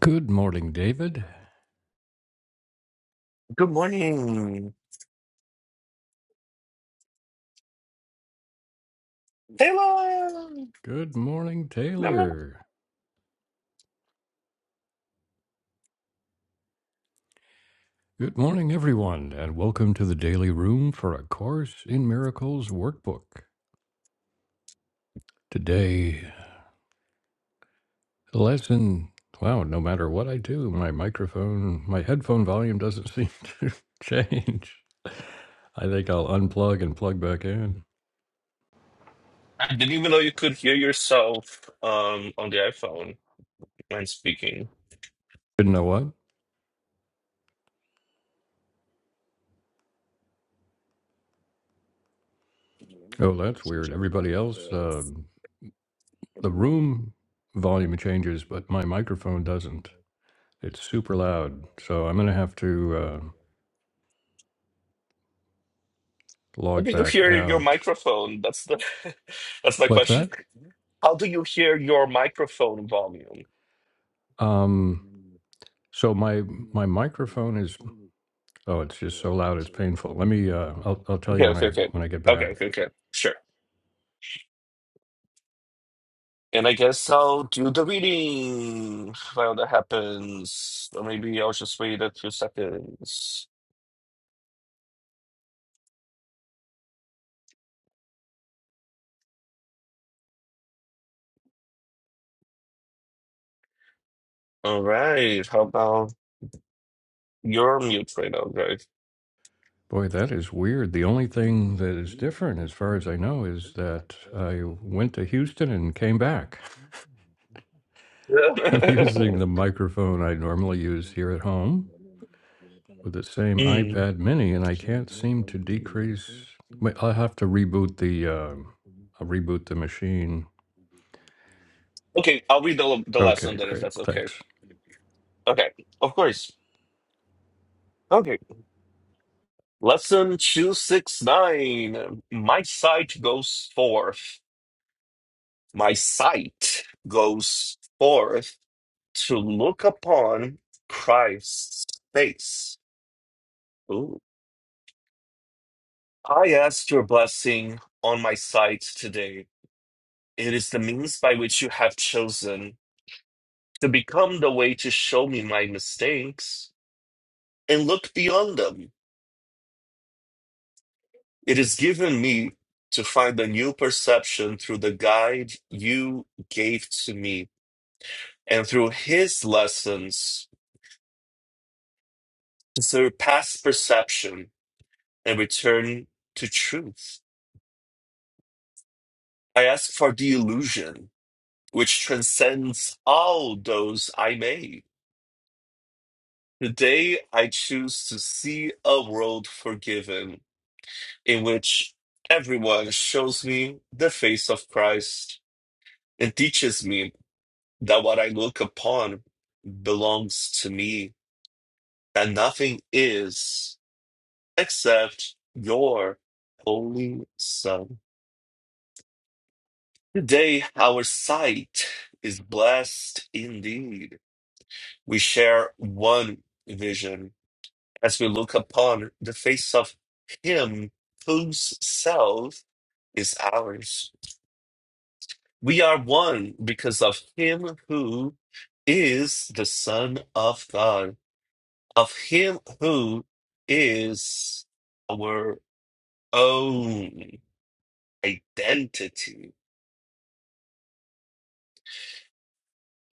Good morning, David. Good morning, Taylor. Good morning, everyone, and welcome to the Daily Room for A Course in Miracles workbook. Today, lesson. Wow, no matter what I do, my microphone, my headphone volume doesn't seem to change. I think I'll unplug and plug back in. I didn't even know you could hear yourself um, on the iPhone when speaking. Didn't know what? Oh, that's weird. Everybody else, um the room volume changes, but my microphone doesn't. It's super loud, so I'm gonna have to. uh, How Log do you back hear your out. microphone? That's the that's my What's question. that? How do you hear your microphone volume? Um, so my my microphone is oh, it's just so loud, it's painful. Let me uh, I'll I'll tell you Okay, when okay, I okay. when I get Okay, back. okay, okay. Sure. And I guess I'll do the reading while that happens. Or maybe I'll just wait a few seconds. All right. How about your mute right now, guys? Boy, that is weird. The only thing that is different, as far as I know, is that I went to Houston and came back. I'm using the microphone I normally use here at home with the same Mm. iPad Mini, and I can't seem to decrease. Wait, I'll have to reboot the uh, I'll reboot the machine. Okay, I'll read the, the lesson Okay, then if great, that's okay. thanks. Okay, of course. Okay, lesson 269. My sight goes forth. My sight goes forth to look upon Christ's face. Ooh. I ask your blessing on my sight today. It is the means by which you have chosen to become the way to show me my mistakes and look beyond them. It is given me to find a new perception through the guide you gave to me, and through his lessons to surpass perception and return to truth. I ask for the illusion which transcends all those I made. Today I choose to see a world forgiven in which everyone shows me the face of Christ and teaches me that what I look upon belongs to me, that nothing is except your holy Son. Today, our sight is blessed indeed. We share one vision as we look upon the face of Him whose self is ours. We are one because of Him who is the Son of God. of him who is our own identity.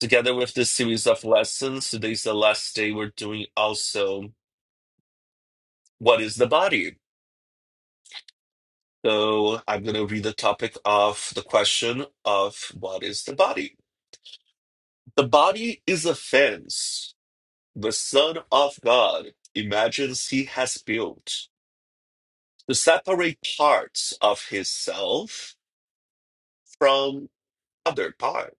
Together with this series of lessons, today's the last day we're doing also what is the body? So I'm going to read the topic of the question of what is the body? The body is a fence the Son of God imagines he has built to separate parts of his self from other parts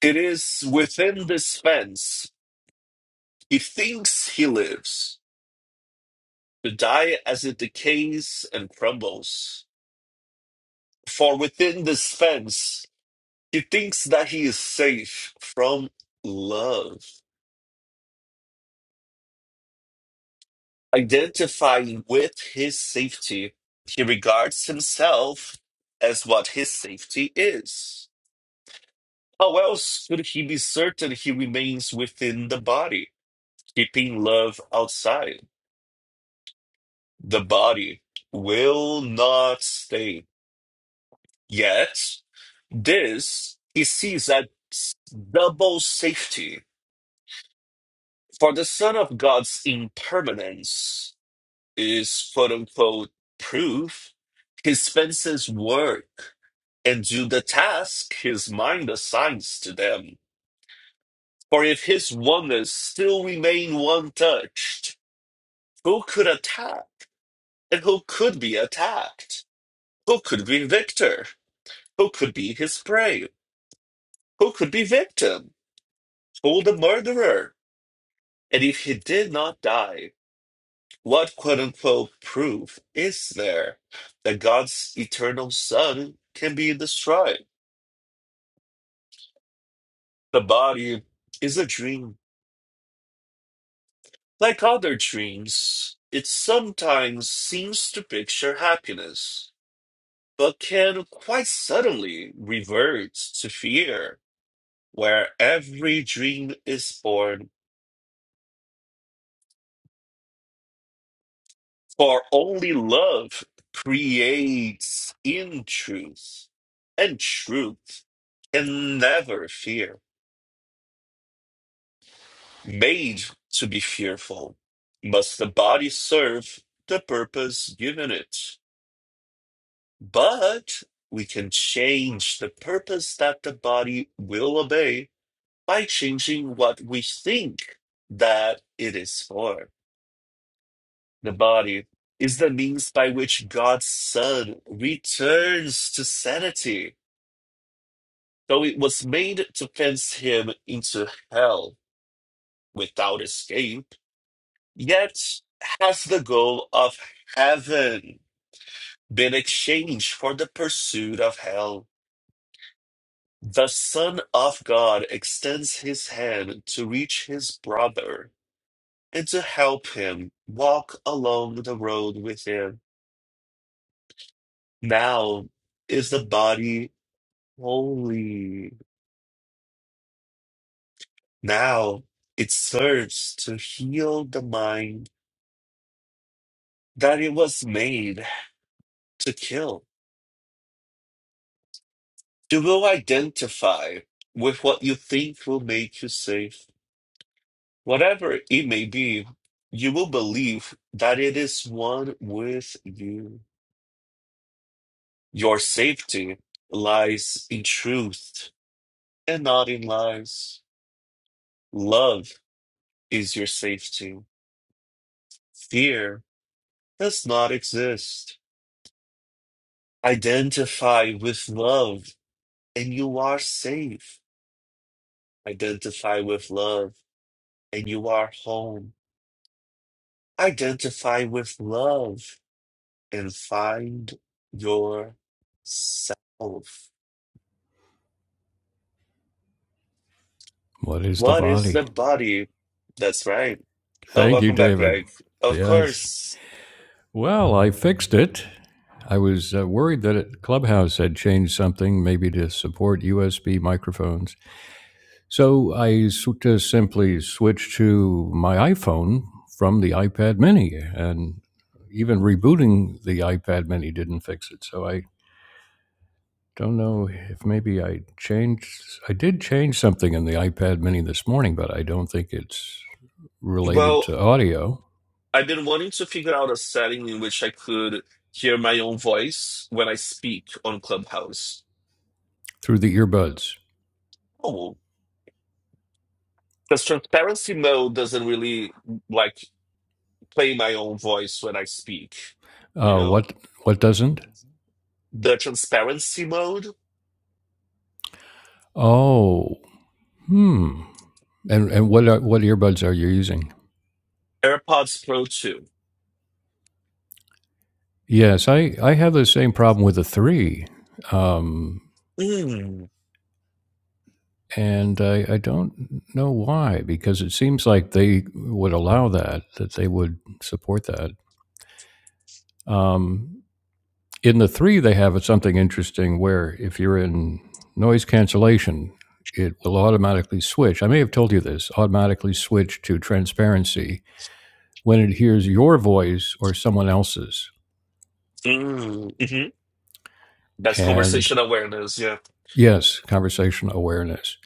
It is within this fence. He thinks he lives to die as it decays and crumbles. For within this fence, he thinks that he is safe from love. Identifying with his safety, he regards himself as what his safety is. How else could he be certain he remains within the body, keeping love outside? the body will not stay. Yet, this he sees as double safety. For the Son of God's impermanence is quote unquote proof. He spends his work and do the task his mind assigns to them. For if his oneness still remain one touched, who could attack and who could be attacked? Who could be victor? Who could be his prey? Who could be victim? Who the murderer? And if he did not die, what quote unquote proof is there that God's eternal Son can be destroyed? The body is a dream. Like other dreams, it sometimes seems to picture happiness, but can quite suddenly revert to fear, where every dream is born For only love creates in truth, and truth can never fear. Made to be fearful, must the body serve the purpose given it. But we can change the purpose that the body will obey by changing what we think that it is for. The body is the means by which God's Son returns to sanity So it was made to cast him into hell without escape, yet has the goal of heaven been exchanged for the pursuit of hell? The Son of God extends his hand to reach his brother and to help him walk along the road with him. Now is the body holy. Now it serves to heal the mind that it was made. to kill. You will identify with what you think will make you safe. Whatever it may be, you will believe that it is one with you. Your safety lies in truth and not in lies. Love is your safety. Fear does not exist. Identify with love and you are safe. Identify with love and you are home. Identify with love and find yourself. What is the What is body? the body? That's right. Oh, Thank you, welcome back, David. Greg. Of Yes. course. Well, I fixed it. I was uh, worried that it, Clubhouse had changed something, maybe to support USB microphones. So I s- just simply switched to my iPhone from the iPad Mini, and even rebooting the iPad Mini didn't fix it. So I don't know if maybe I changed. I did change something in the iPad Mini this morning, but I don't think it's related Well, to audio. I've been wanting to figure out a setting in which I could hear my own voice when I speak on Clubhouse. through the earbuds. Oh, because transparency mode doesn't really like play my own voice when I speak, you Uh, know? what what doesn't? The transparency mode, Oh, hmm. And and what are, what earbuds are you using? AirPods Pro 2. Yes, I I have the same problem with the three, um, Mm. and I, I don't know why because it seems like they would allow that that they would support that. Um, in the three, they have something interesting where if you're in noise cancellation, it will automatically switch. I may have told you this automatically switch to transparency when it hears your voice or someone else's. Mm. hmm That's And conversation awareness. Yeah. yes, conversation awareness.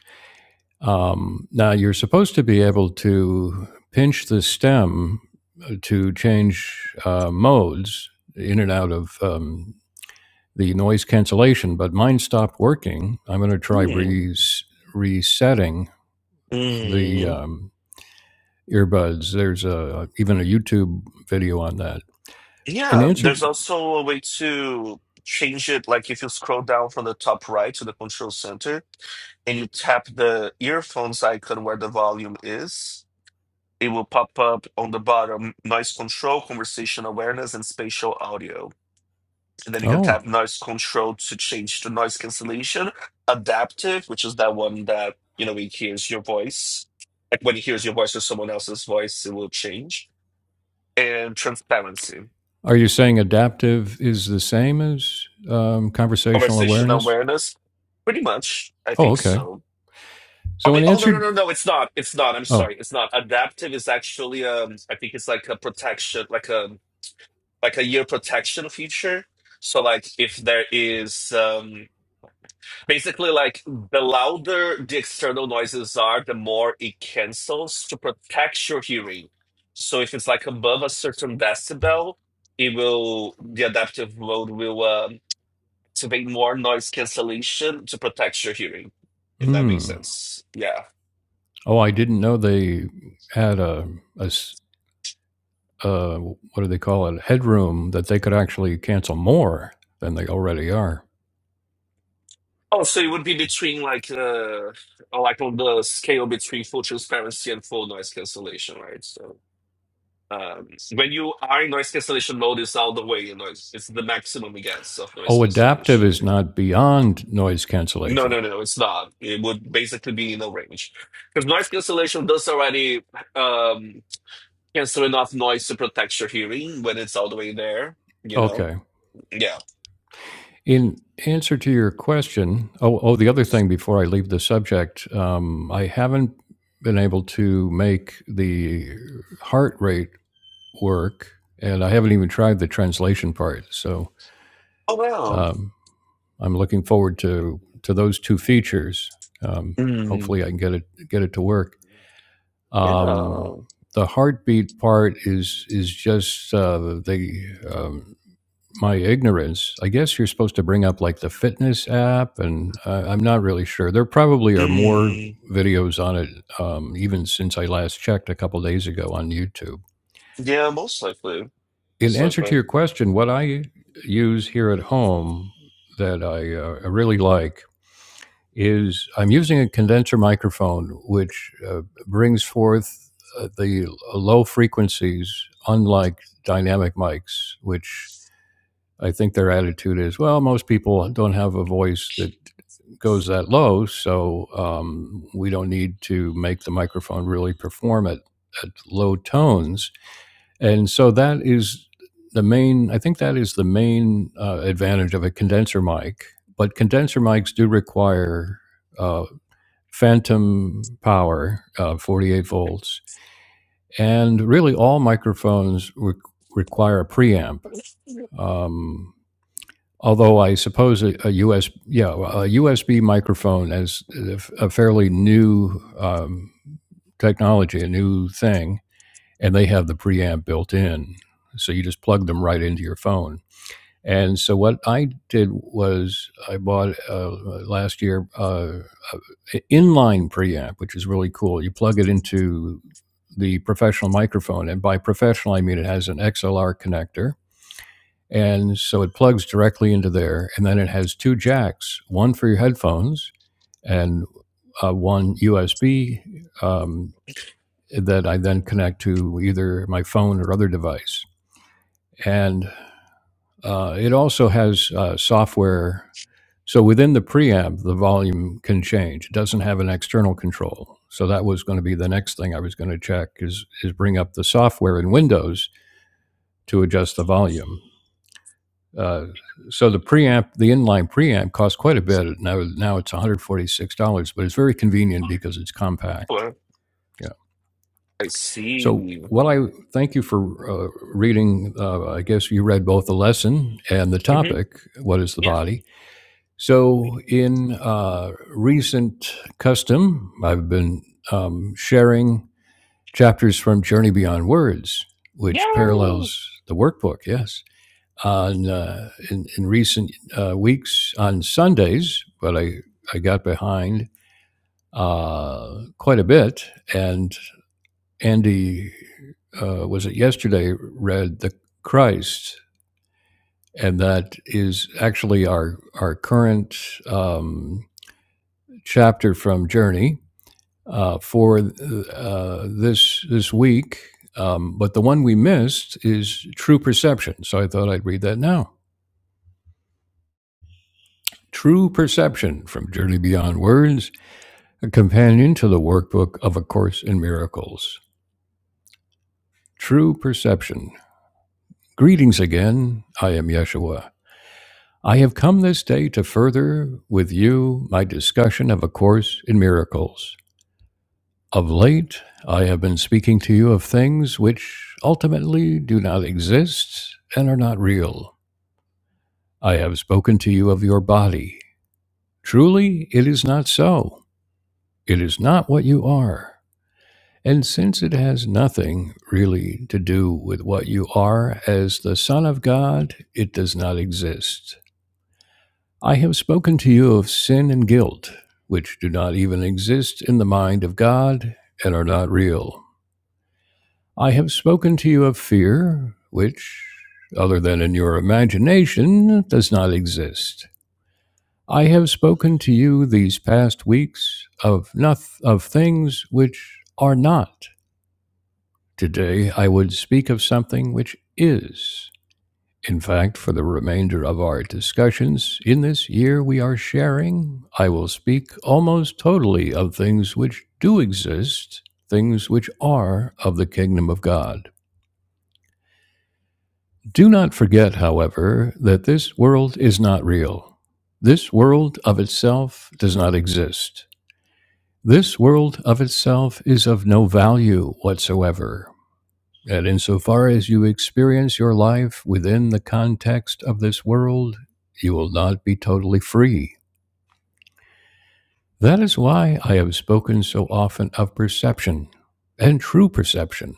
Um, now, you're supposed to be able to pinch the stem uh, to change uh, modes in and out of um, the noise cancellation, but mine stopped working. I'm going to try Mm. res- resetting the Mm. um, earbuds. There's a, even a YouTube video on that. In Yeah. answer, There's also a way to change it. Like if you scroll down from the top right to the control center and you tap the earphones icon where the volume is, it will pop up on the bottom noise control, conversation awareness, and spatial audio. and then you can oh, tap noise control to change to noise cancellation. Adaptive, which is that one that you know it hears your voice. Like when it hears your voice or someone else's voice, it will change. And transparency, Are you saying adaptive is the same as um, conversational conversational awareness? awareness. Pretty much, I Oh, think okay. so. I So mean, in oh no, no, answer, no, no, it's not. It's not. I'm oh, sorry, it's not. Adaptive is actually, um, I think it's like a protection, like a like a year protection feature. So like if there is, um, Basically, like the louder the external noises are, the more it cancels to protect your hearing. So if it's like above a certain decibel, it will the adaptive mode will um, activate more noise cancellation to protect your hearing. If that makes hmm. sense, yeah. Oh, I didn't know they had a uh, what do they call it? Headroom that they could actually cancel more than they already are. Oh, so it would be between like uh, like on the scale between full transparency and full noise cancellation, right? So. Um, when you are in noise cancellation mode, it's out of the way. You know, it's, it's the maximum it gets of noise Oh, adaptive is cancellation. not beyond noise No, cancellation. no, no, it's not. It would basically be no range because noise cancellation does already um, cancel enough noise to protect your hearing when it's all the way there. You know, Okay. yeah. In answer to your question, oh, oh, the other thing before I leave the subject, um, I haven't been able to make the heart rate work, and I haven't even tried the translation part. So Oh wow. um, I'm looking forward to to those two features. Um, Mm, hopefully, I can get it get it to work. yeah. Um, the heartbeat part is is just uh, the um, my ignorance, I guess you're supposed to bring up like the fitness app, and uh, I'm not really sure. There probably are more Mm, videos on it, um, even since I last checked a couple days ago on YouTube. yeah, most likely. In Most answer to likely. your question, what I use here at home that I uh, really like is I'm using a condenser microphone, which uh, brings forth uh, the low frequencies, unlike dynamic mics, which I think their attitude is, well, most people don't have a voice that goes that low, so um, we don't need to make the microphone really perform at, at low tones. And so that is the main, I think that is the main uh, advantage of a condenser mic. But condenser mics do require uh, phantom power, uh, 48 volts. And really, all microphones re- require a preamp. Um, Although I suppose a, a U S, yeah, a USB microphone is a fairly new um, technology, a new thing, and they have the preamp built in, so you just plug them right into your phone. And so what I did was I bought uh, last year uh, an inline preamp, which is really cool. You plug it into the professional microphone, and by professional I mean it has an XLR connector, and so it plugs directly into there. And then it has two jacks one for your headphones and uh, one USB um, that I then connect to either my phone or other device. And uh, it also has uh, software. So within the preamp, the volume can change. It doesn't have an external control. So that was going to be the next thing I was going to check is, is bring up the software in Windows to adjust the volume Uh, so the preamp, the inline preamp, costs quite a bit. Now, now it's one hundred forty-six dollars, but it's very convenient because it's compact. Well, Yeah. I So, see. what I thank you for uh, reading. Uh, I guess you read both the lesson and the Mhm. topic. What is the Yeah. body? So, in uh, recent custom, I've been um, sharing chapters from Journey Beyond Words, which Yeah. parallels the workbook. Yes on uh, in, in recent uh, weeks on Sundays, but I, I got behind uh, quite a bit. And Andy, uh, was it yesterday, read The Christ. And that is actually our, our current um, chapter from Journey uh, for uh, this, this week. Um, but the one we missed is True Perception. So I thought I'd read that now. True Perception from Journey Beyond Words, a companion to the workbook of A Course in Miracles. True Perception. Greetings again. I am Yeshua. I have come this day to further with you my discussion of A Course in Miracles. Of late, I have been speaking to you of things which ultimately do not exist and are not real. I have spoken to you of your body. Truly, it is not so. It is not what you are. And since it has nothing really to do with what you are as the Son of God, it does not exist. I have spoken to you of sin and guilt, which do not even exist in the mind of God and are not real. I have spoken to you of fear, which, other than in your imagination, does not exist. I have spoken to you these past weeks of noth- of things which are not Today, I would speak of something which is. In fact, for the remainder of our discussions in this year we are sharing, I will speak almost totally of things which do exist, things which are of the kingdom of God. Do not forget, however, that this world is not real. This world of itself does not exist. This world of itself is of no value whatsoever. that insofar as you experience your life within the context of this world, you will not be totally free. That is why I have spoken so often of perception and true perception.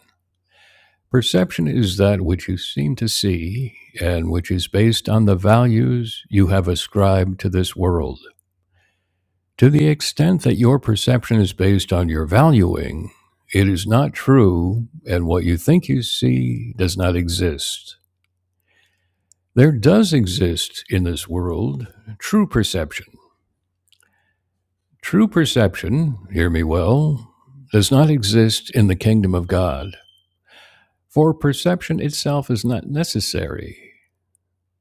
Perception is that which you seem to see and which is based on the values you have ascribed to this world. To the extent that your perception is based on your valuing, it is not true, and what you think you see does not exist. There does exist in this world true perception. True perception, hear me well, does not exist in the kingdom of God, for perception itself is not necessary.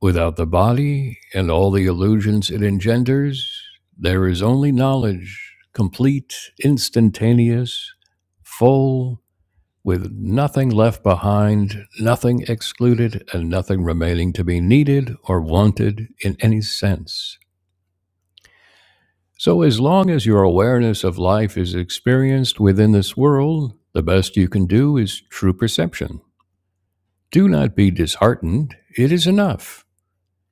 Without the body and all the illusions it engenders, there is only knowledge, complete, instantaneous, full, with nothing left behind, nothing excluded, and nothing remaining to be needed or wanted in any sense. So, as long as your awareness of life is experienced within this world, the best you can do is true perception. Do not be disheartened, it is enough.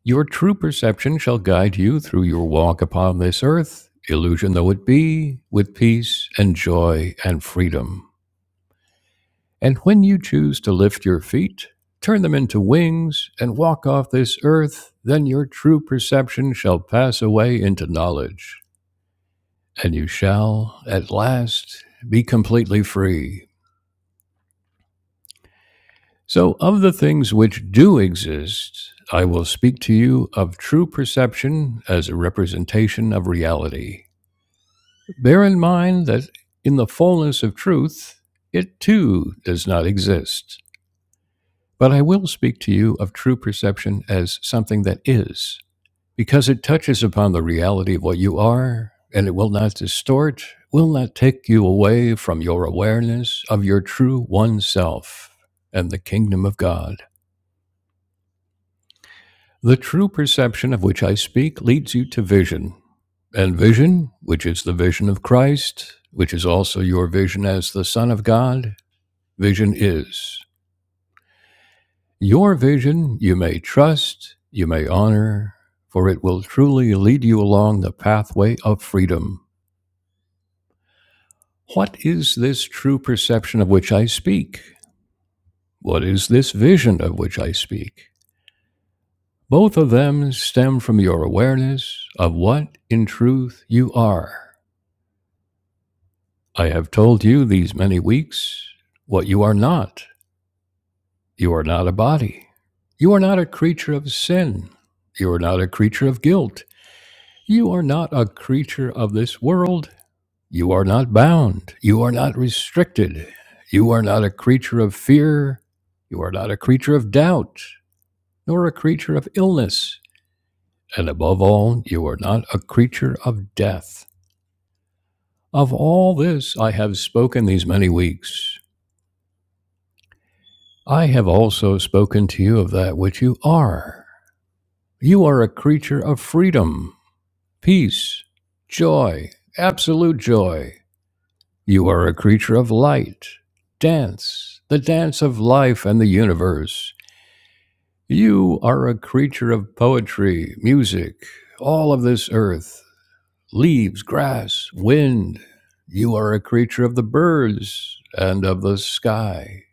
Your true perception shall guide you through your walk upon this earth, illusion though it be, with peace and joy and freedom. And when you choose to lift your feet, turn them into wings, and walk off this earth, then your true perception shall pass away into knowledge. and you shall at last be completely free. So, of the things which do exist, I will speak to you of true perception as a representation of reality. Bear in mind that in the fullness of truth, it too does not exist. But I will speak to you of true perception as something that is, because it touches upon the reality of what you are, and it will not distort, will not take you away from your awareness of your true one self and the kingdom of God. The true perception of which I speak leads you to vision, and vision, which is the vision of Christ, which is also your vision as the Son of God, vision is. Your vision you may trust, you may honor, for it will truly lead you along the pathway of freedom. What is this true perception of which I speak? What is this vision of which I speak? Both of them stem from your awareness of what, in truth, you are. I have told you these many weeks what you are not. You are not a body. You are not a creature of sin. You are not a creature of guilt. You are not a creature of this world. You are not bound. You are not restricted. You are not a creature of fear. You are not a creature of doubt, nor a creature of illness. And above all, you are not a creature of death. Of all this I have spoken these many weeks. I have also spoken to you of that which you are. You are a creature of freedom, peace, joy, absolute joy You are a creature of light. Dance, the dance of life and the universe. You are a creature of poetry, music, all of this earth, leaves, grass, wind. You are a creature of the birds and of the sky.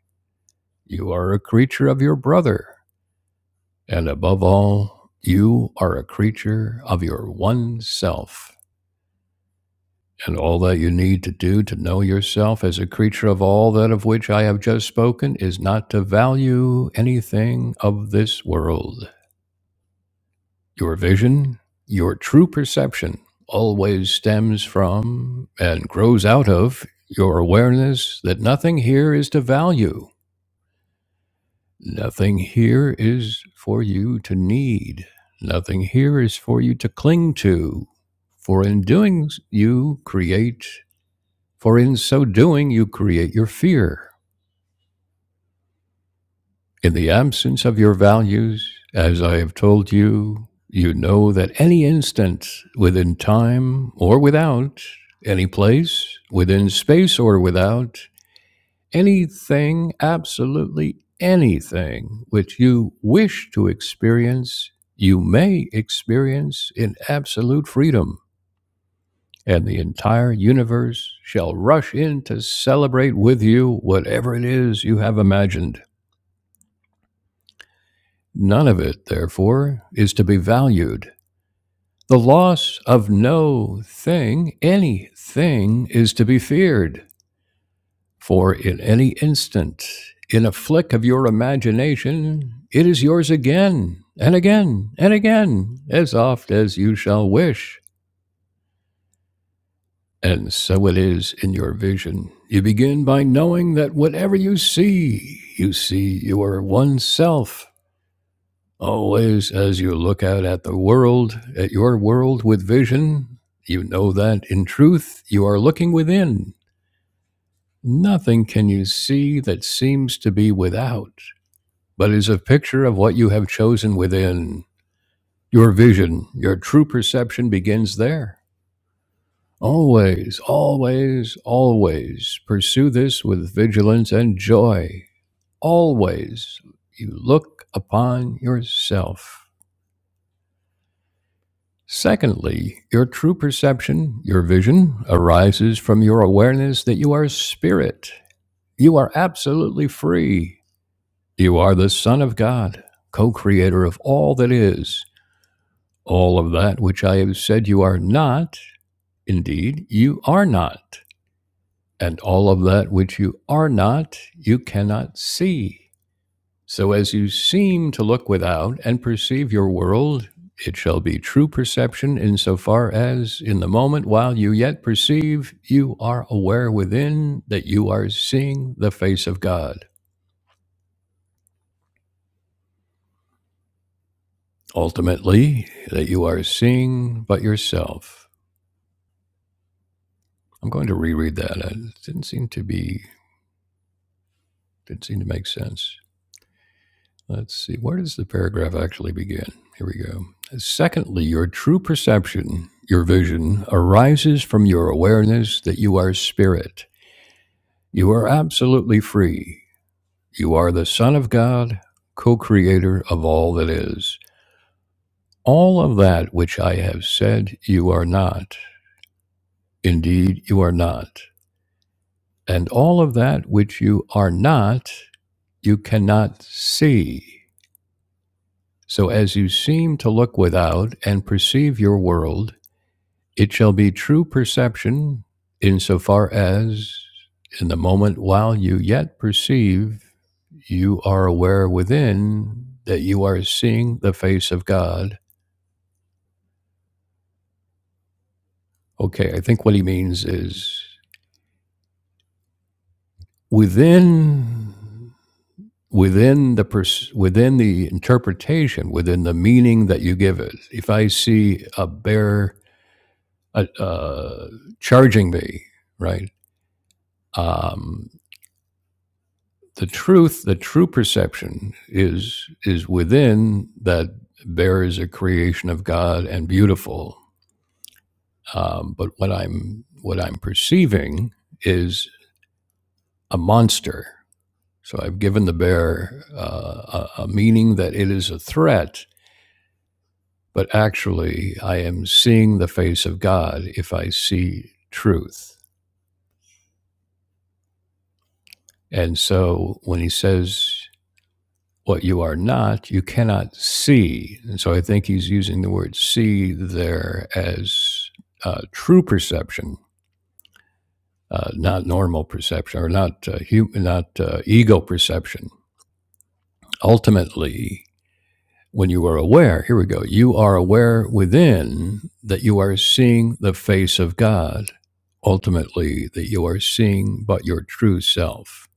You are a creature of your brother. And above all, you are a creature of your one self. And all that you need to do to know yourself as a creature of all that of which I have just spoken is not to value anything of this world. Your vision, your true perception, always stems from and grows out of your awareness that nothing here is to value. Nothing here is for you to need. Nothing here is for you to cling to. For in doing, you create For in so doing, you create your fear. In the absence of your values, as I have told you, you know that any instant, within time or without, any place, within space or without, anything, absolutely anything which you wish to experience, you may experience in absolute freedom. and the entire universe shall rush in to celebrate with you whatever it is you have imagined. None of it, therefore, is to be valued. The loss of no thing, any thing, is to be feared, for in any instant, in a flick of your imagination, it is yours again, and again, and again, as oft as you shall wish. And so it is in your vision. You begin by knowing that whatever you see, you see your one self. Always, as you look out at the world, at your world with vision, you know that in truth you are looking within. Nothing can you see that seems to be without, but is a picture of what you have chosen within. Your vision, your true perception begins there. Always, always, always pursue this with vigilance and joy. Always you look upon yourself. Secondly, your true perception, your vision, arises from your awareness that you are spirit. You are absolutely free. You are the Son of God, co creator of all that is. All of that which I have said you are not, indeed, you are not. And all of that which you are not, you cannot see. So as you seem to look without and perceive your world, it shall be true perception insofar as, in the moment while you yet perceive, you are aware within that you are seeing the face of God. Ultimately, that you are seeing but yourself. I'm going to reread that. It didn't seem to be, didn't seem to make sense. Let's see, where does the paragraph actually begin? Here we go. Secondly, your true perception, your vision, arises from your awareness that you are spirit. You are absolutely free. You are the Son of God, co creator of all that is. All of that which I have said you are not. Indeed, you are not. And all of that which you are not, you cannot see. So as you seem to look without and perceive your world, It shall be true perception insofar as, in the moment while you yet perceive, you are aware within that you are seeing the face of God. Okay, I think what he means is within within the pers- within the interpretation, within the meaning that you give it. If I see a bear uh, uh, charging me, right? Um, the truth, the true perception is is within that there is a creation of God and beautiful. Um, but what I'm what I'm perceiving is a monster. So I've given the bear uh, a, a meaning that it is a threat, but actually I am seeing the face of God if I see truth. And so when he says what you are not, you cannot see. And so I think he's using the word see there as uh, true perception, uh, not normal perception or not, uh, hum- not uh, ego perception. Ultimately, when you are aware, here we go, you are aware within that you are seeing the face of God. Ultimately, that you are seeing but your true self.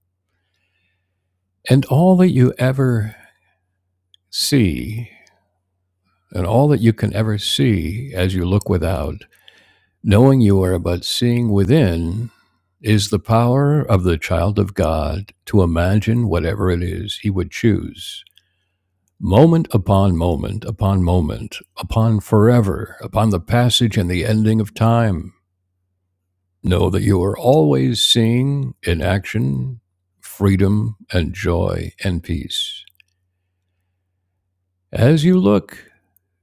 And all that you ever see and all that you can ever see as you look without, knowing you are but seeing within, is the power of the child of God to imagine whatever it is he would choose. Moment upon moment upon moment, upon forever, upon the passage and the ending of time, know that you are always seeing in action freedom and joy and peace. As you look,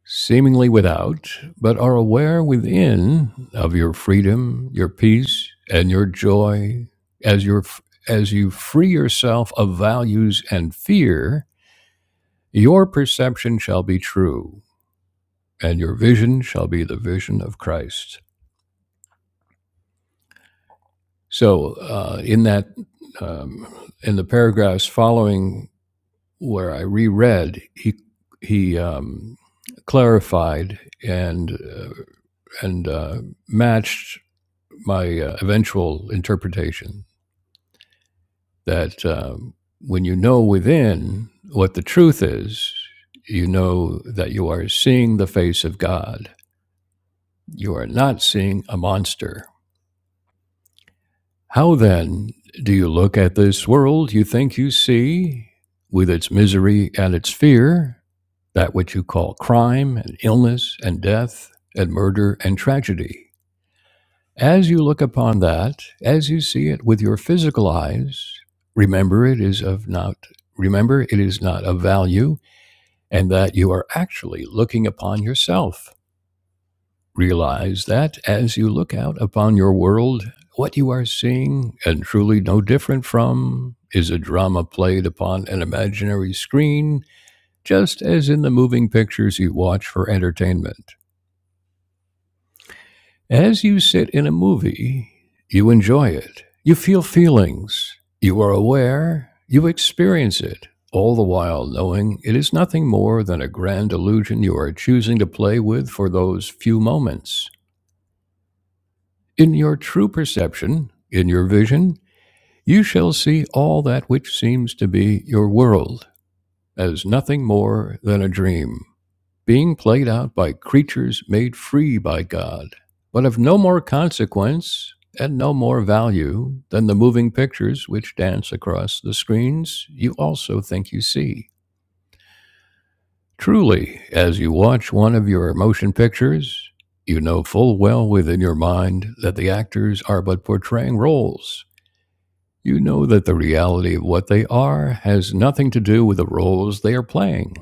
seemingly without, but are aware within of your freedom, your peace, and your joy as your as you free yourself of values and fear, your perception shall be true, and your vision shall be the vision of Christ. So, uh, in that, um, in the paragraphs following where I reread, he he um, clarified and uh, and uh, matched my uh, eventual interpretation that um, when you know within what the truth is, you know that you are seeing the face of God. You are not seeing a monster. How then do you look at this world you think you see, with its misery and its fear, that which you call crime and illness and death and murder and tragedy? As you look upon that, as you see it with your physical eyes, remember it is of not remember it is not of value and that you are actually looking upon yourself. Realize that as you look out upon your world, what you are seeing and truly no different from is a drama played upon an imaginary screen, just as in the moving pictures you watch for entertainment. As you sit in a movie, you enjoy it. You feel feelings. You are aware. You experience it, all the while knowing it is nothing more than a grand illusion you are choosing to play with for those few moments. In your true perception, in your vision, you shall see all that which seems to be your world as nothing more than a dream being played out by creatures made free by God, but of no more consequence and no more value than the moving pictures which dance across the screens you also think you see. Truly, as you watch one of your motion pictures, you know full well within your mind that the actors are but portraying roles. You know that the reality of what they are has nothing to do with the roles they are playing.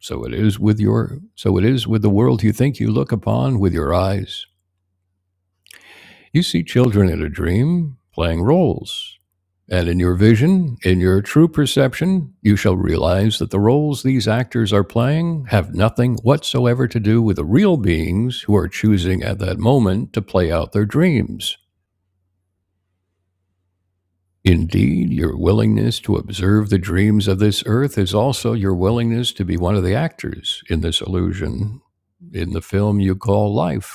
So it is with your so it is with the world you think you look upon with your eyes. You see children in a dream playing roles. And in your vision, in your true perception, you shall realize that the roles these actors are playing have nothing whatsoever to do with the real beings who are choosing at that moment to play out their dreams. Indeed, your willingness to observe the dreams of this earth is also your willingness to be one of the actors in this illusion, in the film you call life.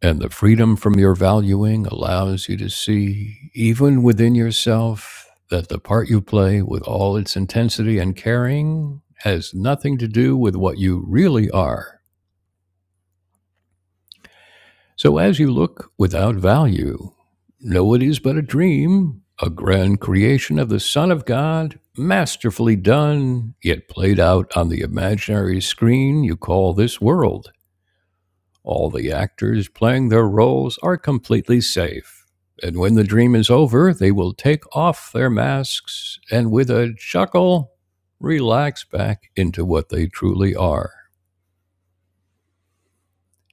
And the freedom from your valuing allows you to see, even within yourself, that the part you play with all its intensity and caring has nothing to do with what you really are. So as you look without value, know it is but a dream, a grand creation of the Son of God, masterfully done, yet played out on the imaginary screen you call this world. All the actors playing their roles are completely safe. And when the dream is over, they will take off their masks and, with a chuckle, relax back into what they truly are.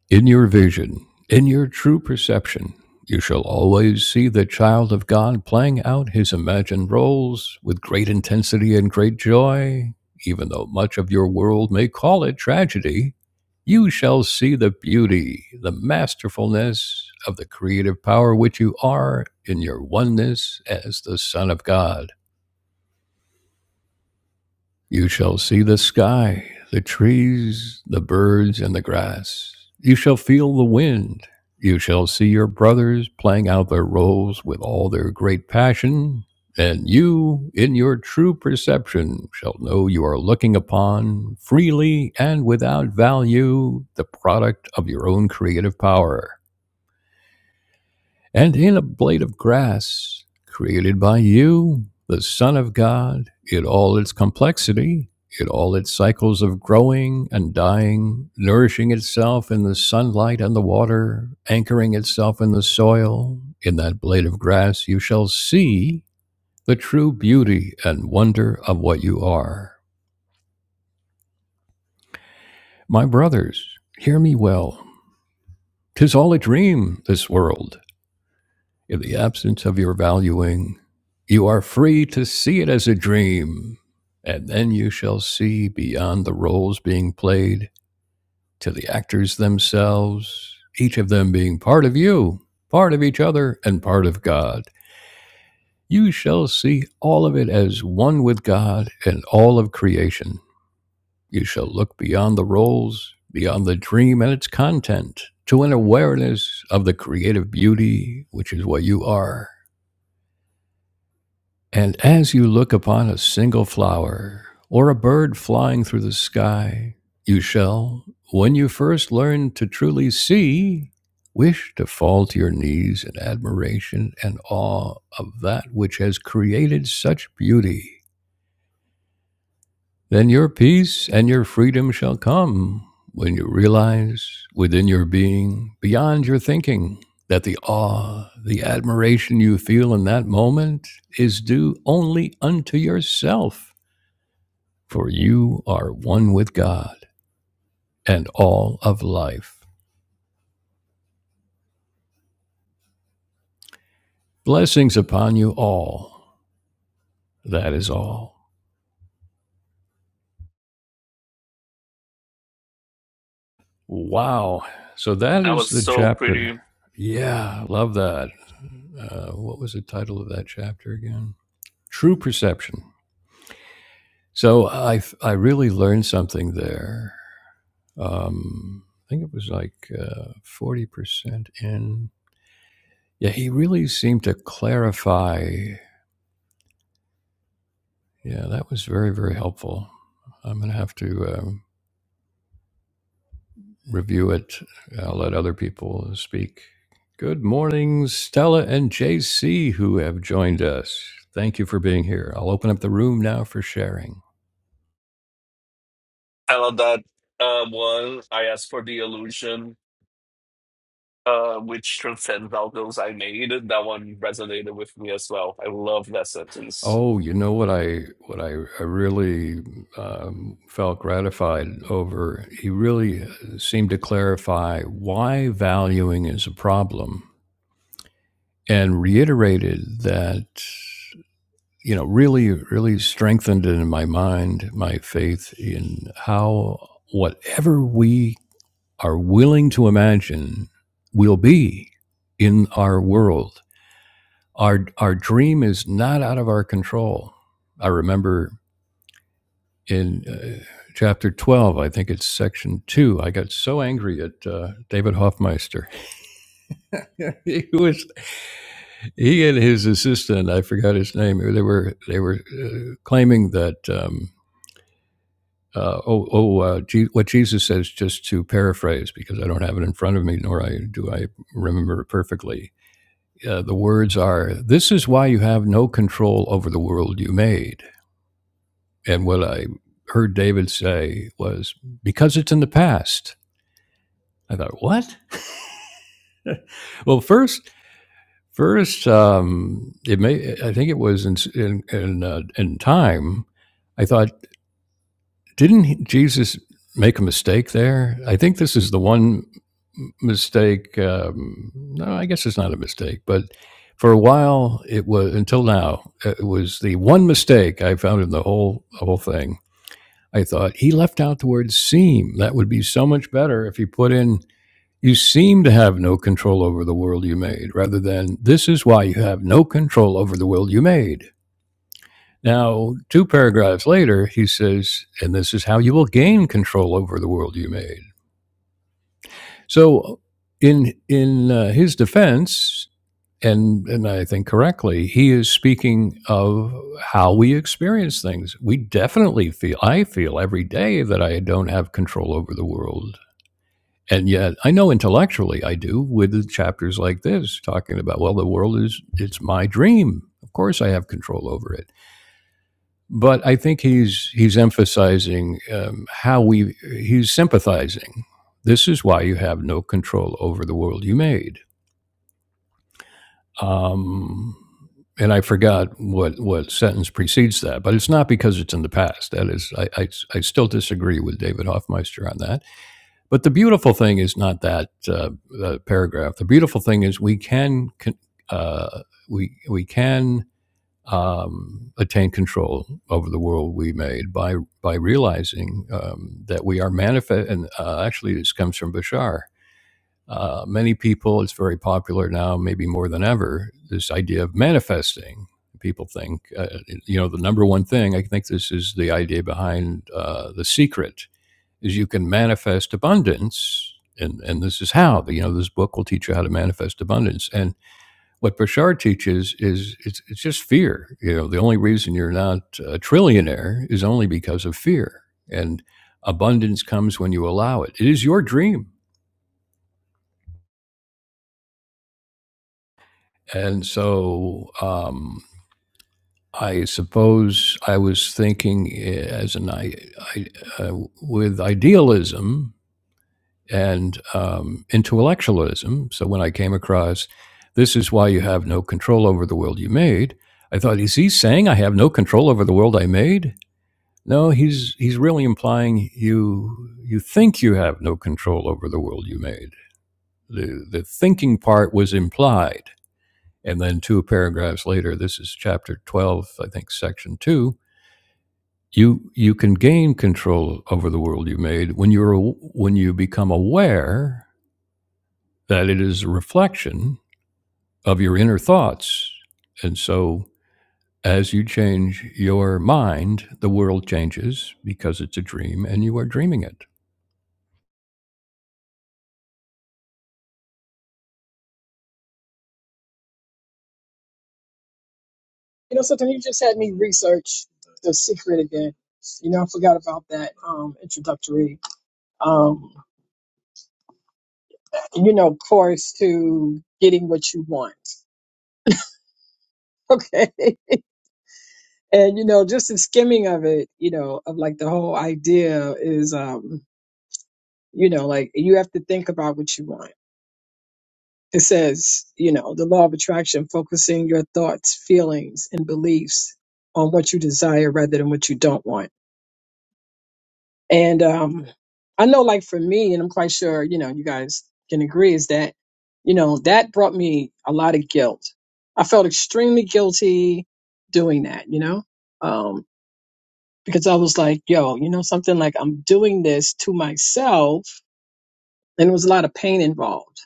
In your vision, in your true perception, you shall always see the child of God playing out his imagined roles with great intensity and great joy. Even though much of your world may call it tragedy, you shall see the beauty, the masterfulness of the creative power which you are in your oneness as the Son of God. You shall see the sky, the trees, the birds, and the grass. You shall feel the wind. You shall see your brothers playing out their roles with all their great passion. And you, in your true perception, shall know you are looking upon, freely and without value, the product of your own creative power. And in a blade of grass created by you, the Son of God, in all its complexity, in all its cycles of growing and dying, nourishing itself in the sunlight and the water, anchoring itself in the soil, in that blade of grass you shall see the true beauty and wonder of what you are. My brothers, hear me well. 'Tis all a dream, this world. In the absence of your valuing, you are free to see it as a dream, and then you shall see beyond the roles being played to the actors themselves, each of them being part of you, part of each other, and part of God. You shall see all of it as one with God and all of creation. You shall look beyond the roles, beyond the dream and its content, to an awareness of the creative beauty, which is what you are. And as you look upon a single flower or a bird flying through the sky, you shall, when you first learn to truly see, wish to fall to your knees in admiration and awe of that which has created such beauty. Then your peace and your freedom shall come when you realize within your being, beyond your thinking, that the awe, the admiration you feel in that moment is due only unto yourself, for you are one with God and all of life. Blessings upon you all. That is all. Wow. So that That is was the so chapter. pretty. Yeah, love that. Uh, what was the title of that chapter again? true perception. So I I really learned something there. Um, I think it was like uh, forty percent in. Yeah, he really seemed to clarify. Yeah, that was very very helpful. I'm going to have to um, review it. I'll let other people speak. Good morning, Stella and JC, who have joined us. Thank you for being here. I'll open up the room now for sharing. I love that uh, one. I asked for the illusion, uh, which transcends all those I made. That one resonated with me as well. I love that sentence. Oh, you know what I what I, I really um, felt gratified over. He really uh, seemed to clarify why valuing is a problem, and reiterated that you know really really strengthened it in my mind my faith in how whatever we are willing to imagine will be in our world. Our our dream is not out of our control. I remember in uh, chapter 12, I think it's section two. I got so angry at uh, David Hoffmeister. he was he and his assistant, I forgot his name. They were they were uh, claiming that um, uh, oh oh uh, Je- what Jesus says, just to paraphrase because I don't have it in front of me, nor I do I remember it perfectly. Uh, the words are, "This is why you have no control over the world you made." And what I heard David say was, "Because it's in the past." I thought, what? well, first, first, um, it may. I think it was in in in, uh, in time. I thought, didn't Jesus make a mistake there? I think this is the one mistake. Um, no, I guess it's not a mistake, but for a while, it was until now. uh, It was the one mistake I found in the whole whole thing. I thought he left out the word "seem." That would be so much better if he put in you seem to have no control over the world you made, rather than this is why you have no control over the world you made. Now, two paragraphs later, he says, and this is how you will gain control over the world you made. So, in in uh, his defense, and and I think correctly, he is speaking of how we experience things. We definitely feel. I feel every day that I don't have control over the world. and yet i know intellectually i do with chapters like this talking about well the world is it's my dream of course i have control over it but i think he's he's emphasizing um, how we he's sympathizing this is why you have no control over the world you made um, and i forgot what what sentence precedes that but it's not because it's in the past that is i i, I still disagree with david hoffmeister on that But the beautiful thing is not that uh, uh, paragraph. The beautiful thing is we can uh, we we can um, attain control over the world we made by by realizing um, that we are manifest. And uh, actually, this comes from Bashar. Uh, many people, it's very popular now, maybe more than ever. This idea of manifesting. People think, uh, you know, the number one thing. I think this is the idea behind uh, the secret is you can manifest abundance and and this is how you know this book will teach you how to manifest abundance and what Bouchard teaches is it's it's just fear you know the only reason you're not a trillionaire is only because of fear and abundance comes when you allow it it is your dream and so um I suppose I was thinking eh, as an I, I uh, with idealism and um, intellectualism. So when I came across this is why you have no control over the world you made, I thought, is he saying I have no control over the world I made? No, he's he's really implying you you think you have no control over the world you made. The the thinking part was implied. And then two paragraphs later, this is chapter twelve, I think, section two. You you can gain control over the world you made when you're when you become aware that it is a reflection of your inner thoughts. And so, as you change your mind, the world changes because it's a dream and you are dreaming it. You know something? You just had me research the secret again. You know, I forgot about that um, introductory, um, you know, course to getting what you want. Okay. And, you know, just the skimming of it, you know, of like the whole idea is, um, you know, like you have to think about what you want. It says, you know, the law of attraction, focusing your thoughts, feelings, and beliefs on what you desire rather than what you don't want And um, I know, like for me, and I'm quite sure, you know, you guys can agree, is that, you know, that brought me a lot of guilt. I felt extremely guilty doing that, you know, um, because I was like, yo, you know, something like I'm doing this to myself. And there was a lot of pain involved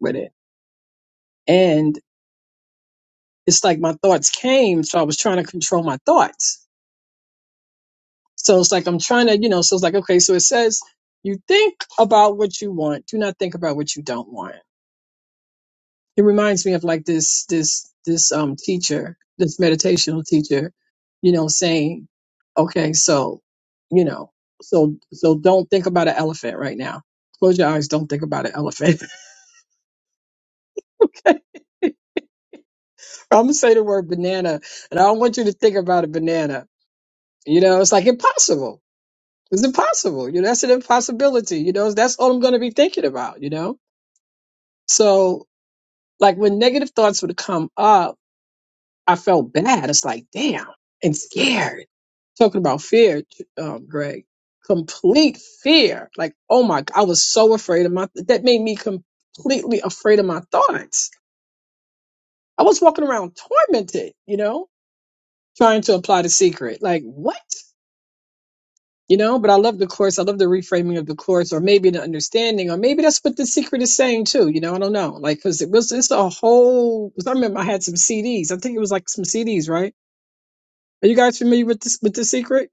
with it. And it's like my thoughts came. So I was trying to control my thoughts. So it's like I'm trying to, you know, so it's like, okay, so it says, you think about what you want, do not think about what you don't want it reminds me of like this this this um teacher this meditational teacher you know saying okay so you know so so don't think about an elephant right now close your eyes don't think about an elephant i'm gonna say the word banana and i don't want you to think about a banana you know it's like impossible it's impossible you know that's an impossibility you know that's all i'm gonna be thinking about you know so like when negative thoughts would come up i felt bad it's like damn and scared talking about fear, um, Greg, complete fear. Like, oh my, I was so afraid of my, that made me completely afraid of my thoughts. I was walking around tormented, you know, trying to apply the secret. Like, what? You know, but I love the course. I love the reframing of the course, or maybe the understanding, or maybe that's what the secret is saying too. You know, I don't know. Like, cause it was, it's a whole, cause I remember I had some CDs. I think it was like some CDs, right? Are you guys familiar with this, with the secret?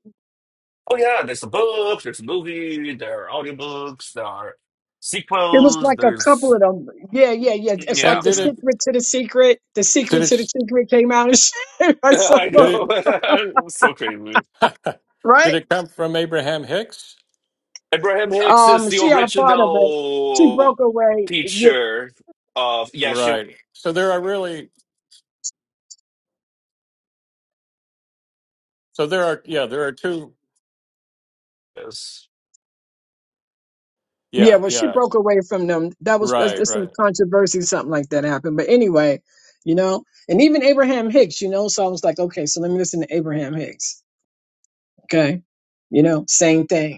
Oh yeah, there's a book, there's a movie, there are audiobooks, there are It was sequels, like a couple there's of them. Yeah, yeah, yeah. It's like yeah. And the did it secret to the secret. The did secret to the it secret came out and shit. or I something, did know. so crazy. it right? did it come from Abraham Hicks? Abraham Hicks is Um, the she had a part of it. She original broke away. Yeah, teacher of yeah, she Right. So there are really so there are yeah, there are two was. yeah. yeah, Well, she yeah. broke away from them. That was there's Right, there's some right. controversy, something like that happened. But anyway, you know, and even Abraham Hicks, you know. So I was like, okay, so let me listen to Abraham Hicks. Okay, you know, same thing.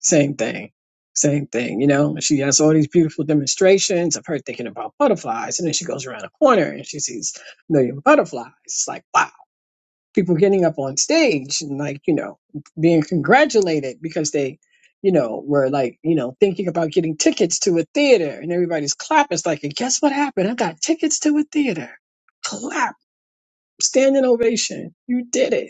Same thing. Same thing. You know, she has all these beautiful demonstrations of her thinking about butterflies. And then she goes around a corner and she sees a million butterflies. It's like, wow. People getting up on stage and like, you know, being congratulated because they, you know, were like, you know, thinking about getting tickets to a theater and everybody's clapping. It's like, and guess what happened? I got tickets to a theater. Clap, standing ovation. You did it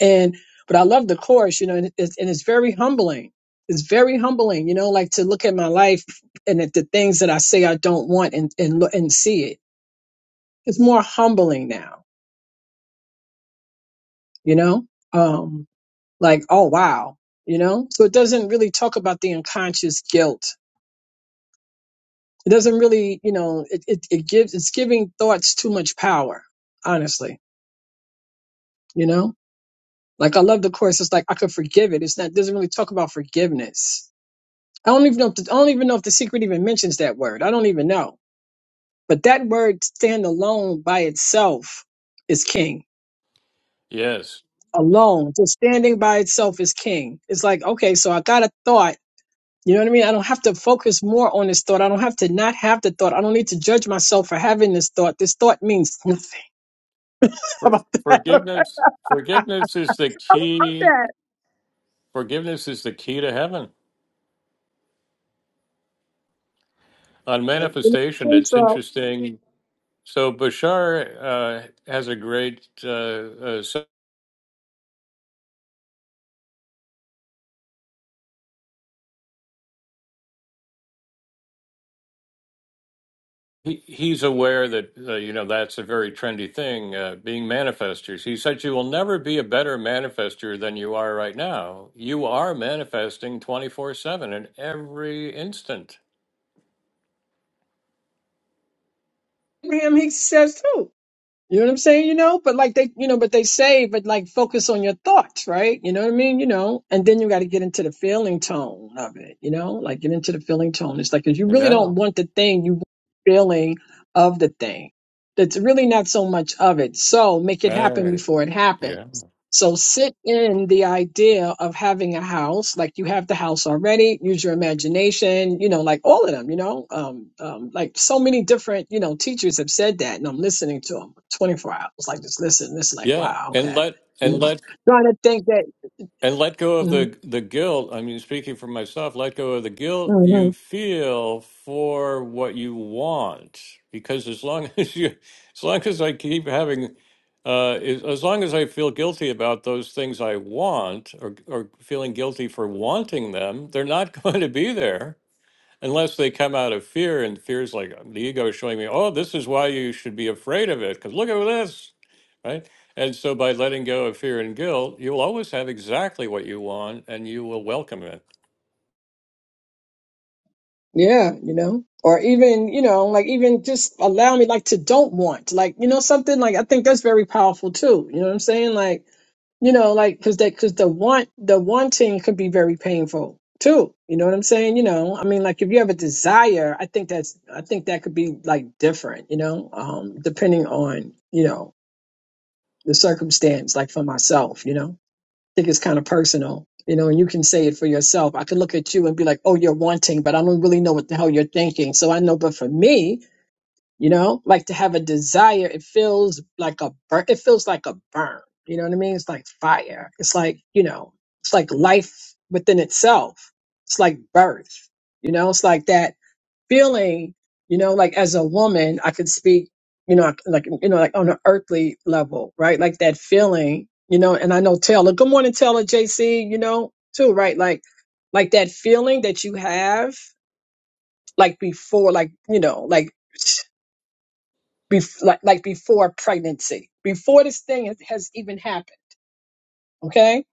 and but I love the course, you know, and it's, and it's very humbling. It's very humbling, you know, like to look at my life and at the things that I say I don't want and and look and see it. It's more humbling now, you know. Um, like oh wow, you know. So it doesn't really talk about the unconscious guilt. It doesn't really, you know, it it, it gives it's giving thoughts too much power, honestly, you know. Like I love the course. It's like I could forgive it. It's not it doesn't really talk about forgiveness I don't even know. If the, I don't even know if the secret even mentions that word. I don't even know. But that word, stand alone by itself, is king. Yes. Alone, just standing by itself is king. It's like okay, so I got a thought. You know what I mean? I don't have to focus more on this thought. I don't have to not have the thought. I don't need to judge myself for having this thought. This thought means nothing. How For, about that? I forgiveness, forgiveness is the love key. that. Forgiveness is the key to heaven. On You know what I manifestation, mean? it's So interesting. So Bashar uh, has a great. Uh, uh, so he, he's aware that uh, you know that's a very trendy thing. Uh, being manifestors, he said, you will never be a better manifester than you are right now. You are manifesting twenty four seven in every instant. Abraham Hicks says too. You know what I'm saying? You know, but like they, you know, but they say, but like focus on your thoughts, right? You know what I mean? You know, and then you got to get into the feeling tone of it, you know, like get into the feeling tone. It's like, cause you really Yeah. don't want the thing, you want the feeling of the thing. That's really not so much of it. So make it happen Right. before it happens. Yeah. So sit in the idea of having a house, like you have the house already. Use your imagination, you know, like all of them, you know, um, um, like so many different, you know, teachers have said that, and I'm listening to them 24 hours, like just listen, this like, Yeah, wow, and okay, let you and know, let trying to think that, And let go of mhm, the the guilt. I mean, speaking for myself, let go of the guilt you mhm, feel for what you want. Because as long as you, as long as I keep having, uh, as as long as I feel guilty about those things I want, or or feeling guilty for wanting them, they're not going to be there unless they come out of fear and fear's like the ego is showing me oh this is why you should be afraid of it because look at this right and so by letting go of fear and guilt you'll always have exactly what you want and you will welcome it yeah, you know, or even, you know, like even just allow me, like to don't want, like you know, something like I think that's very powerful too. You know what I'm saying, like you know like because that because the want the wanting could be very painful too you know what i'm saying you know i mean like if you have a desire i think that's i think that could be like different you know um depending on you know the circumstance like for myself you know i think it's kind of personal you know and you can say it for yourself i could look at you and be like oh you're wanting but i don't really know what the hell you're thinking so i know but for me you know like to have a desire it feels like a burn it feels like a burn you know what i mean it's like fire it's like you know it's like life within itself it's like birth you know it's like that feeling you know like as a woman i could speak you know like you know like on an earthly level right like that feeling you know and i know taylor good morning taylor jc you know too right like like that feeling that you have like before like you know like bef- like like before pregnancy, before this thing has has even happened. Okay,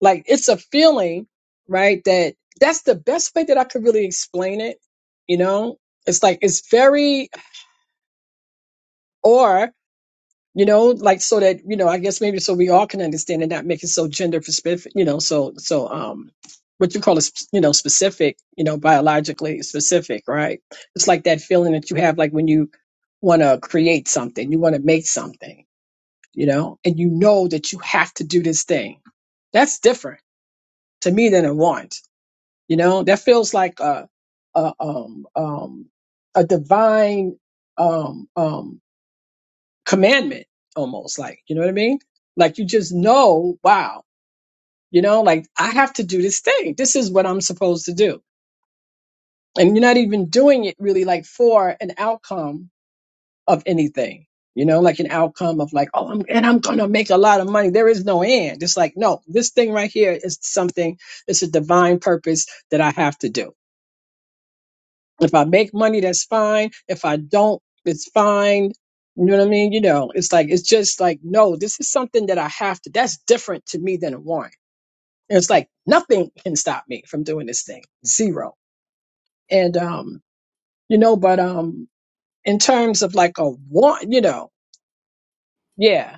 like it's a feeling, right? That that's the best way that I could really explain it. You know, it's like it's very or you know like so that you know I guess maybe so we all can understand and not make it so gender specific. You know, so so um. What you call it, you know, specific, you know, biologically specific, right? It's like that feeling that you have, like when you want to create something, you want to make something you know, and you know that you have to do this thing. That's different to me than a want. You know, that feels like a a um um a divine um um commandment almost like, you know what I mean? Like you just know, wow, you know, like I have to do this thing. This is what I'm supposed to do. And you're not even doing it really like for an outcome of anything. You know, like an outcome of like, oh, I'm, and I'm going to make a lot of money. There is no end. It's like, no, this thing right here is something, it's a divine purpose that I have to do. If I make money, that's fine. If I don't, it's fine. You know what I mean? You know, it's like, it's just like, no, this is something that I have to, that's different to me than a warrant. And it's like, nothing can stop me from doing this thing. Zero. And, um, you know, but, um, in terms of like a warrant, you know, yeah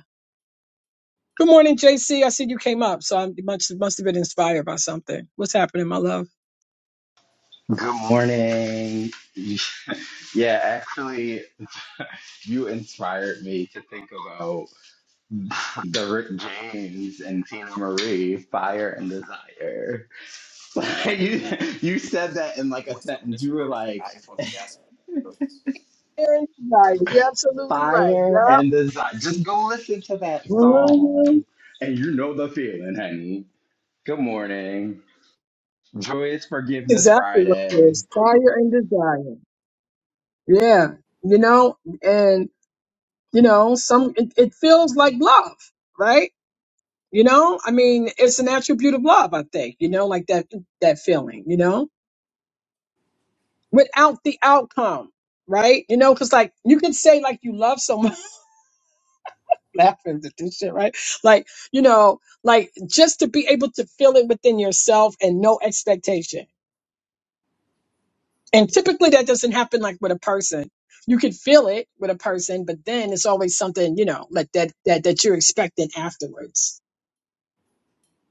Good morning, J C. I see you came up, so I must must have been inspired by something. What's happening, my love? Good morning. You sh- Yeah, actually, you inspired me to think about the Rick James and Tina Marie Fire and Desire. Like, you you said that in like a sentence. You were like You're Right. You're absolutely right. Fire and Yep. Desire. Just go listen to that song, Mhm. and you know the feeling, honey. Good morning. Joyous Forgiveness Exactly what it Friday. is. Fire and desire. Yeah. You know, and you know, some it, it feels like love, right? You know, I mean, it's an attribute of love, I think. You know, like that that feeling. You know, without the outcome, right? You know, because like you can say like you love someone. laughing at this shit, right? Like, you know, like just to be able to feel it within yourself and no expectation. And typically that doesn't happen like with a person. You can feel it with a person, but then it's always something, you know, like that that that you're expecting afterwards.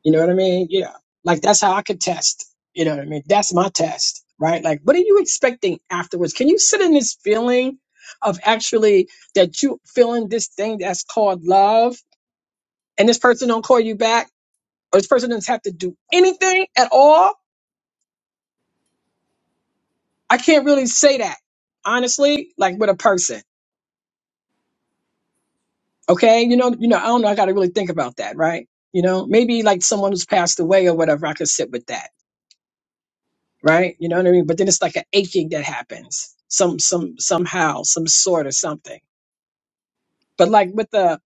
You know what I mean? Yeah. Like that's how I could test. You know what I mean? That's my test, right? Like what are you expecting afterwards? Can you sit in this feeling of actually that you feeling this thing that's called love and this person don't call you back? or this person doesn't have to do anything at all. I can't really say that honestly, like with a person. Okay, you know, you know, I don't know. I got to really think about that, right? You know, maybe like someone who's passed away or whatever. I could sit with that, right? You know what I mean? But then it's like an aching that happens, some, some, somehow, some sort of something. But like with a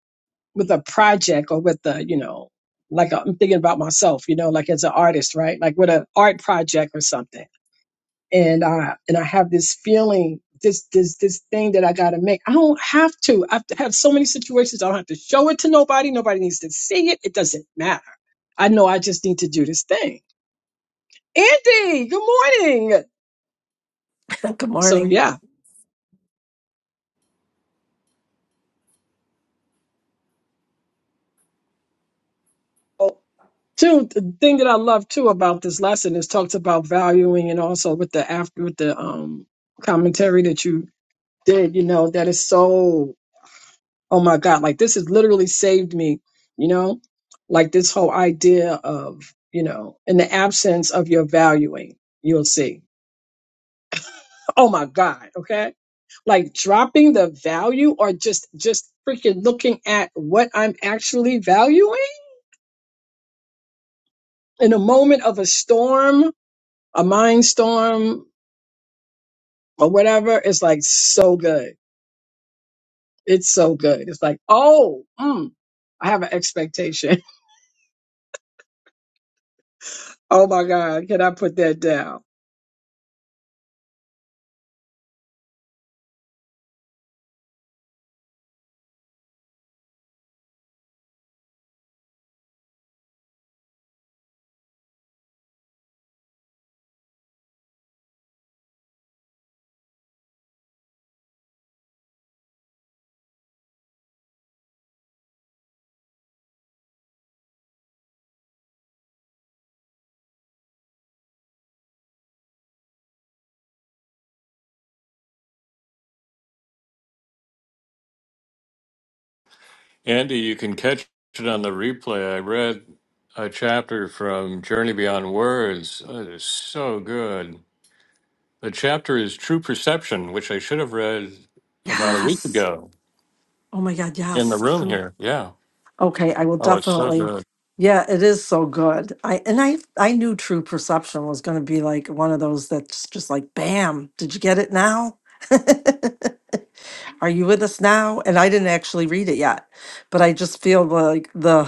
with a project or with the, you know, like I'm thinking about myself, you know, like as an artist, right? Like with an art project or something and I and I have this feeling, this this this thing that I got to make. I don't have to. I have to have so many situations. I don't have to show it to nobody. Nobody needs to see it. It doesn't matter. I know. I just need to do this thing. Andy, good morning. Oh, Good So morning. yeah. Oh, Two the thing that I love too about this lesson is talks about valuing and also with the after with the um commentary that you did. You know that is so oh my God, like this has literally saved me, you know, like this whole idea of, you know, in the absence of your valuing, you'll see. Oh my God. Okay. Like dropping the value or just, just freaking looking at what I'm actually valuing in a moment of a storm, a mind storm or whatever. It's like so good. It's so good. It's like, oh, mm, I have an expectation. Oh my God. Can I put that down? andy you can catch it on the replay i read a chapter from journey beyond words oh, it is so good the chapter is true perception which i should have read about a week Yes. ago Oh my God. in the Yes. room True. here yeah Okay. I will oh it's so definitely. good Yeah, it is so good. I and I I knew True Perception was going to be like one of those that's just like, bam, did you get it now? Are you with us now? And I didn't actually read it yet, but I just feel like the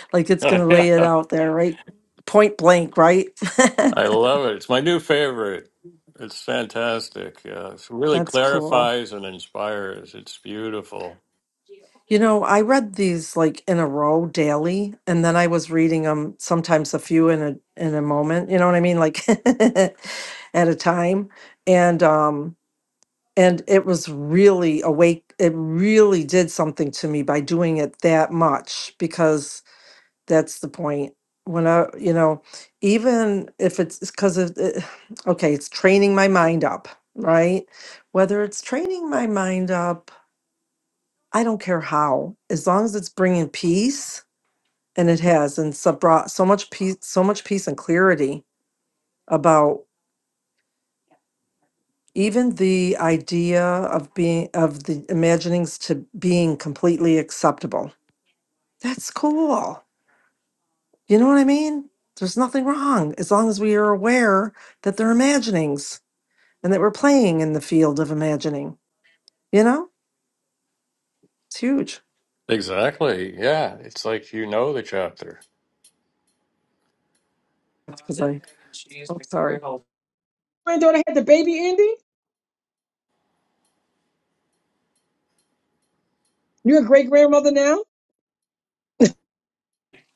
like it's going to yeah lay it out there, right? Point blank, right? I love it. It's my new favorite. It's fantastic. Yeah, it really That's cool. clarifies and inspires. It's beautiful. You know, I read these like in a row daily, and then I was reading them sometimes a few in a in a moment. You know what I mean, like at a time. And um, and it was really awake. It really did something to me by doing it that much because that's the point. When I, you know, even if it's because of it, okay, it's training my mind up, right? Whether it's training my mind up I don't care how, as long as it's bringing peace, and it has, and so brought so much peace, so much peace and clarity about even the idea of being of the imaginings to being completely acceptable. That's cool. You know what I mean? There's nothing wrong as long as we are aware that they're imaginings and that we're playing in the field of imagining. You know, it's huge. Exactly. Yeah, it's like you know the chapter. That's because I. Oh, sorry. granddaughter had the baby, Andy? You're a great grandmother now?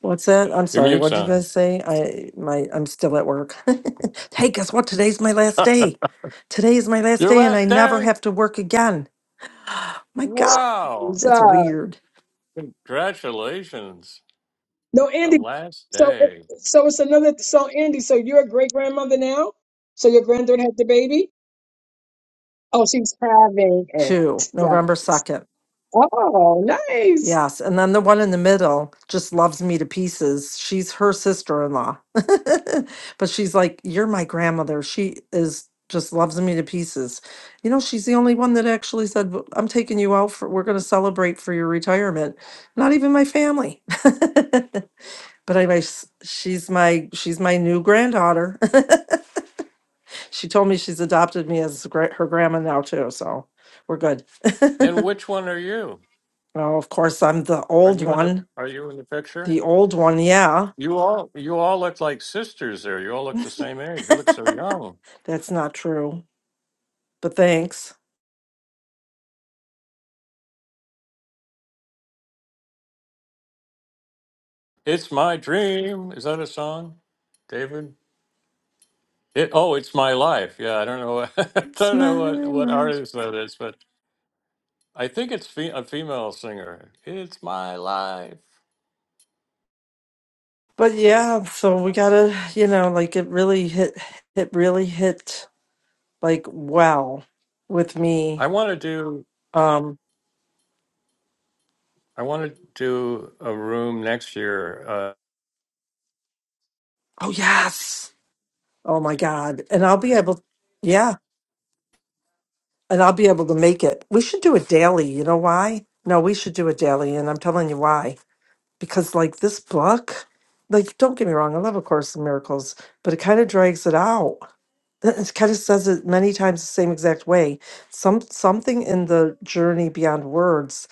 What's that? I'm Your sorry. mute What'd you sound. guys say? I my I'm still at work. hey, guess what? Today's my last day. Today is my last Your day, and I last never day. have to work again. My God, Wow. She's, that's uh, weird. Congratulations. no, The Andy. last So, day. so it's another. So, Andy, so you're a great grandmother now? So, your granddaughter had the baby? Oh, she's having Two it. November Yes. second. Oh, nice. Yes, and then the one in the middle just loves me to pieces. She's her sister-in-law. But she's like, "You're my grandmother." She is just loves me to pieces. You know, she's the only one that actually said, "W- "I'm taking you out for we're going to celebrate for your retirement." Not even my family. But anyway, s- she's my she's my new granddaughter. She told me she's adopted me as gra- her grandma now too, so we're good. And which one are you? Oh, of course, I'm the Are old you in the one. Are you in the The picture? old one, yeah. You all You all look like sisters. There. You all look the same age. You look so young. That's not true, but thanks. It's my dream. Is that a song, David? It, oh, it's my life. Yeah, I don't know. What, I It's don't know my what what most. artist that is, but I think it's fe- a female singer. It's my life. But yeah, so we gotta, you know, like it really hit, it really hit like wow with me. I want to do. Um, I want to do a room next year. Uh, oh yes, oh my God, and I'll be able, yeah, and I'll be able to make it. We should do it daily. You know why? No, we should do it daily, and I'm telling you why. Because like this book, like don't get me wrong, I love A Course in Miracles, but it kind of drags it out. It kind of says it many times the same exact way. Some something in the journey beyond words.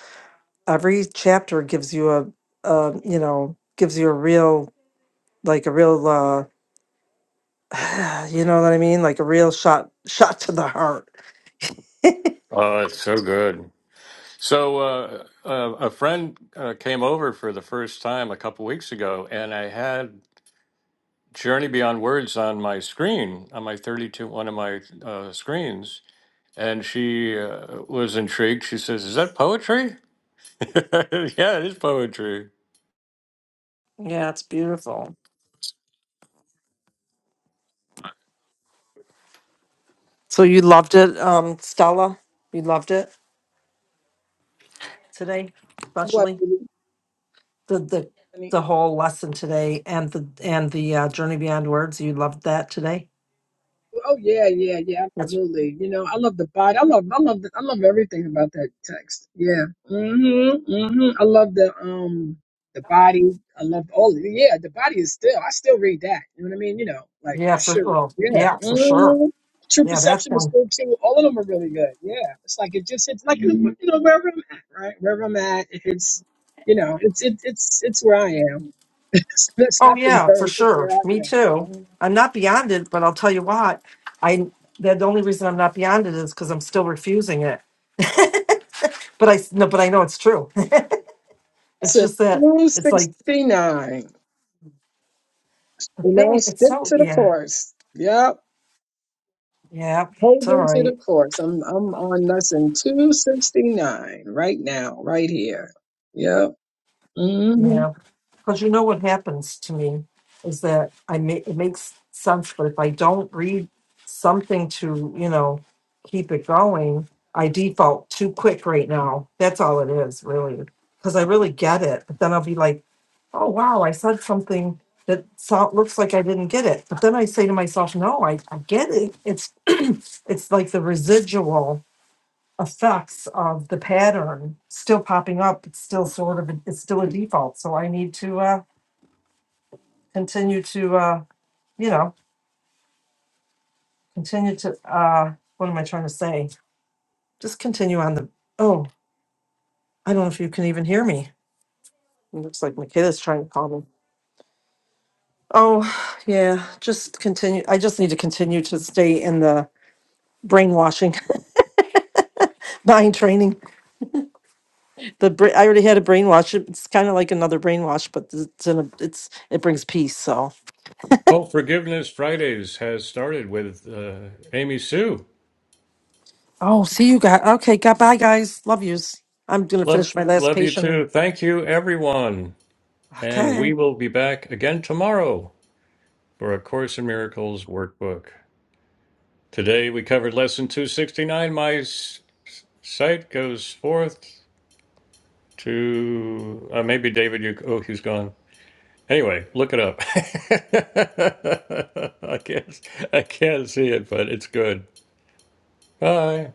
Every chapter gives you a, a you know, gives you a real like a real uh you know what I mean? Like a real shot shot to the heart. oh, it's so good. So uh, uh, a friend uh, came over for the first time a couple weeks ago, and I had Journey Beyond Words on my screen on my thirty-two one of my uh, screens, and she uh, was intrigued. She says, "Is that poetry?" yeah, it is poetry. Yeah, it's beautiful. So you loved it, um, Stella? You loved it today, God especially bless the the you. the whole lesson today and the and the uh, journey beyond words. You loved that today. Oh yeah, yeah, yeah, That's absolutely. You know, I love the body. I love, I love, the, I love everything about that text. Yeah. Mhm. Mhm. I love the um the body. I love all. Yeah, the body is still. I still read that. You know what I mean? You know, like yeah, for shoot. well, Yeah. yeah, for sure. Mhm. True Yeah, that's perception is one. good too. All of them are really good. Yeah. It's like it just hits like you know wherever I'm at, right? Wherever I'm at, it hits. You know, it's it's it's it's where I am. That's Oh not the yeah, for word. It's sure. where I Me am. too. Uh-huh. I'm not beyond it, but I'll tell you what. I that the only reason I'm not beyond it is because I'm still refusing it. but I no, but I know it's true. It's It's a just that it's like 269. the You know, thing. It's stick so to the yeah, course. Yep. yeah. It's all Holding to right. the course. I'm I'm on lesson 269 right now, right here. Yep. Yeah, because you know what happens to me is that I make it makes sense, but if I don't read something to you know keep it going, I default too quick right now. That's all it is, really, because I really get it. But then I'll be like, oh wow, I said something that so- looks like I didn't get it. But then I say to myself, no, I, I get it. It's it's like the residual effects of the pattern still popping up. It's still sort of it's still a default. So I need to uh, continue to uh, you know continue to uh, what am I trying to say? Just continue on the. Oh, I don't know if you can even hear me. It looks like my kid is trying to call me. Oh yeah, just continue. I just need to continue to stay in the brainwashing mind training the bra- i already had a brainwash it's kind of like another brainwash but it's in a it's it brings peace so Oh, Forgiveness Fridays has started with uh, Amy Sue. Oh, see you guys. Okay, God, bye, guys. Love yous. I'm gonna Love, finish my last love you patient. And, too. Thank you, everyone. And okay. we will be back again tomorrow for A Course in Miracles workbook. Today we covered lesson 269. My s- sight goes forth to. Uh, maybe David, you. Oh, he's gone. Anyway, look it up. I can't, I can't see it, but it's good. Bye.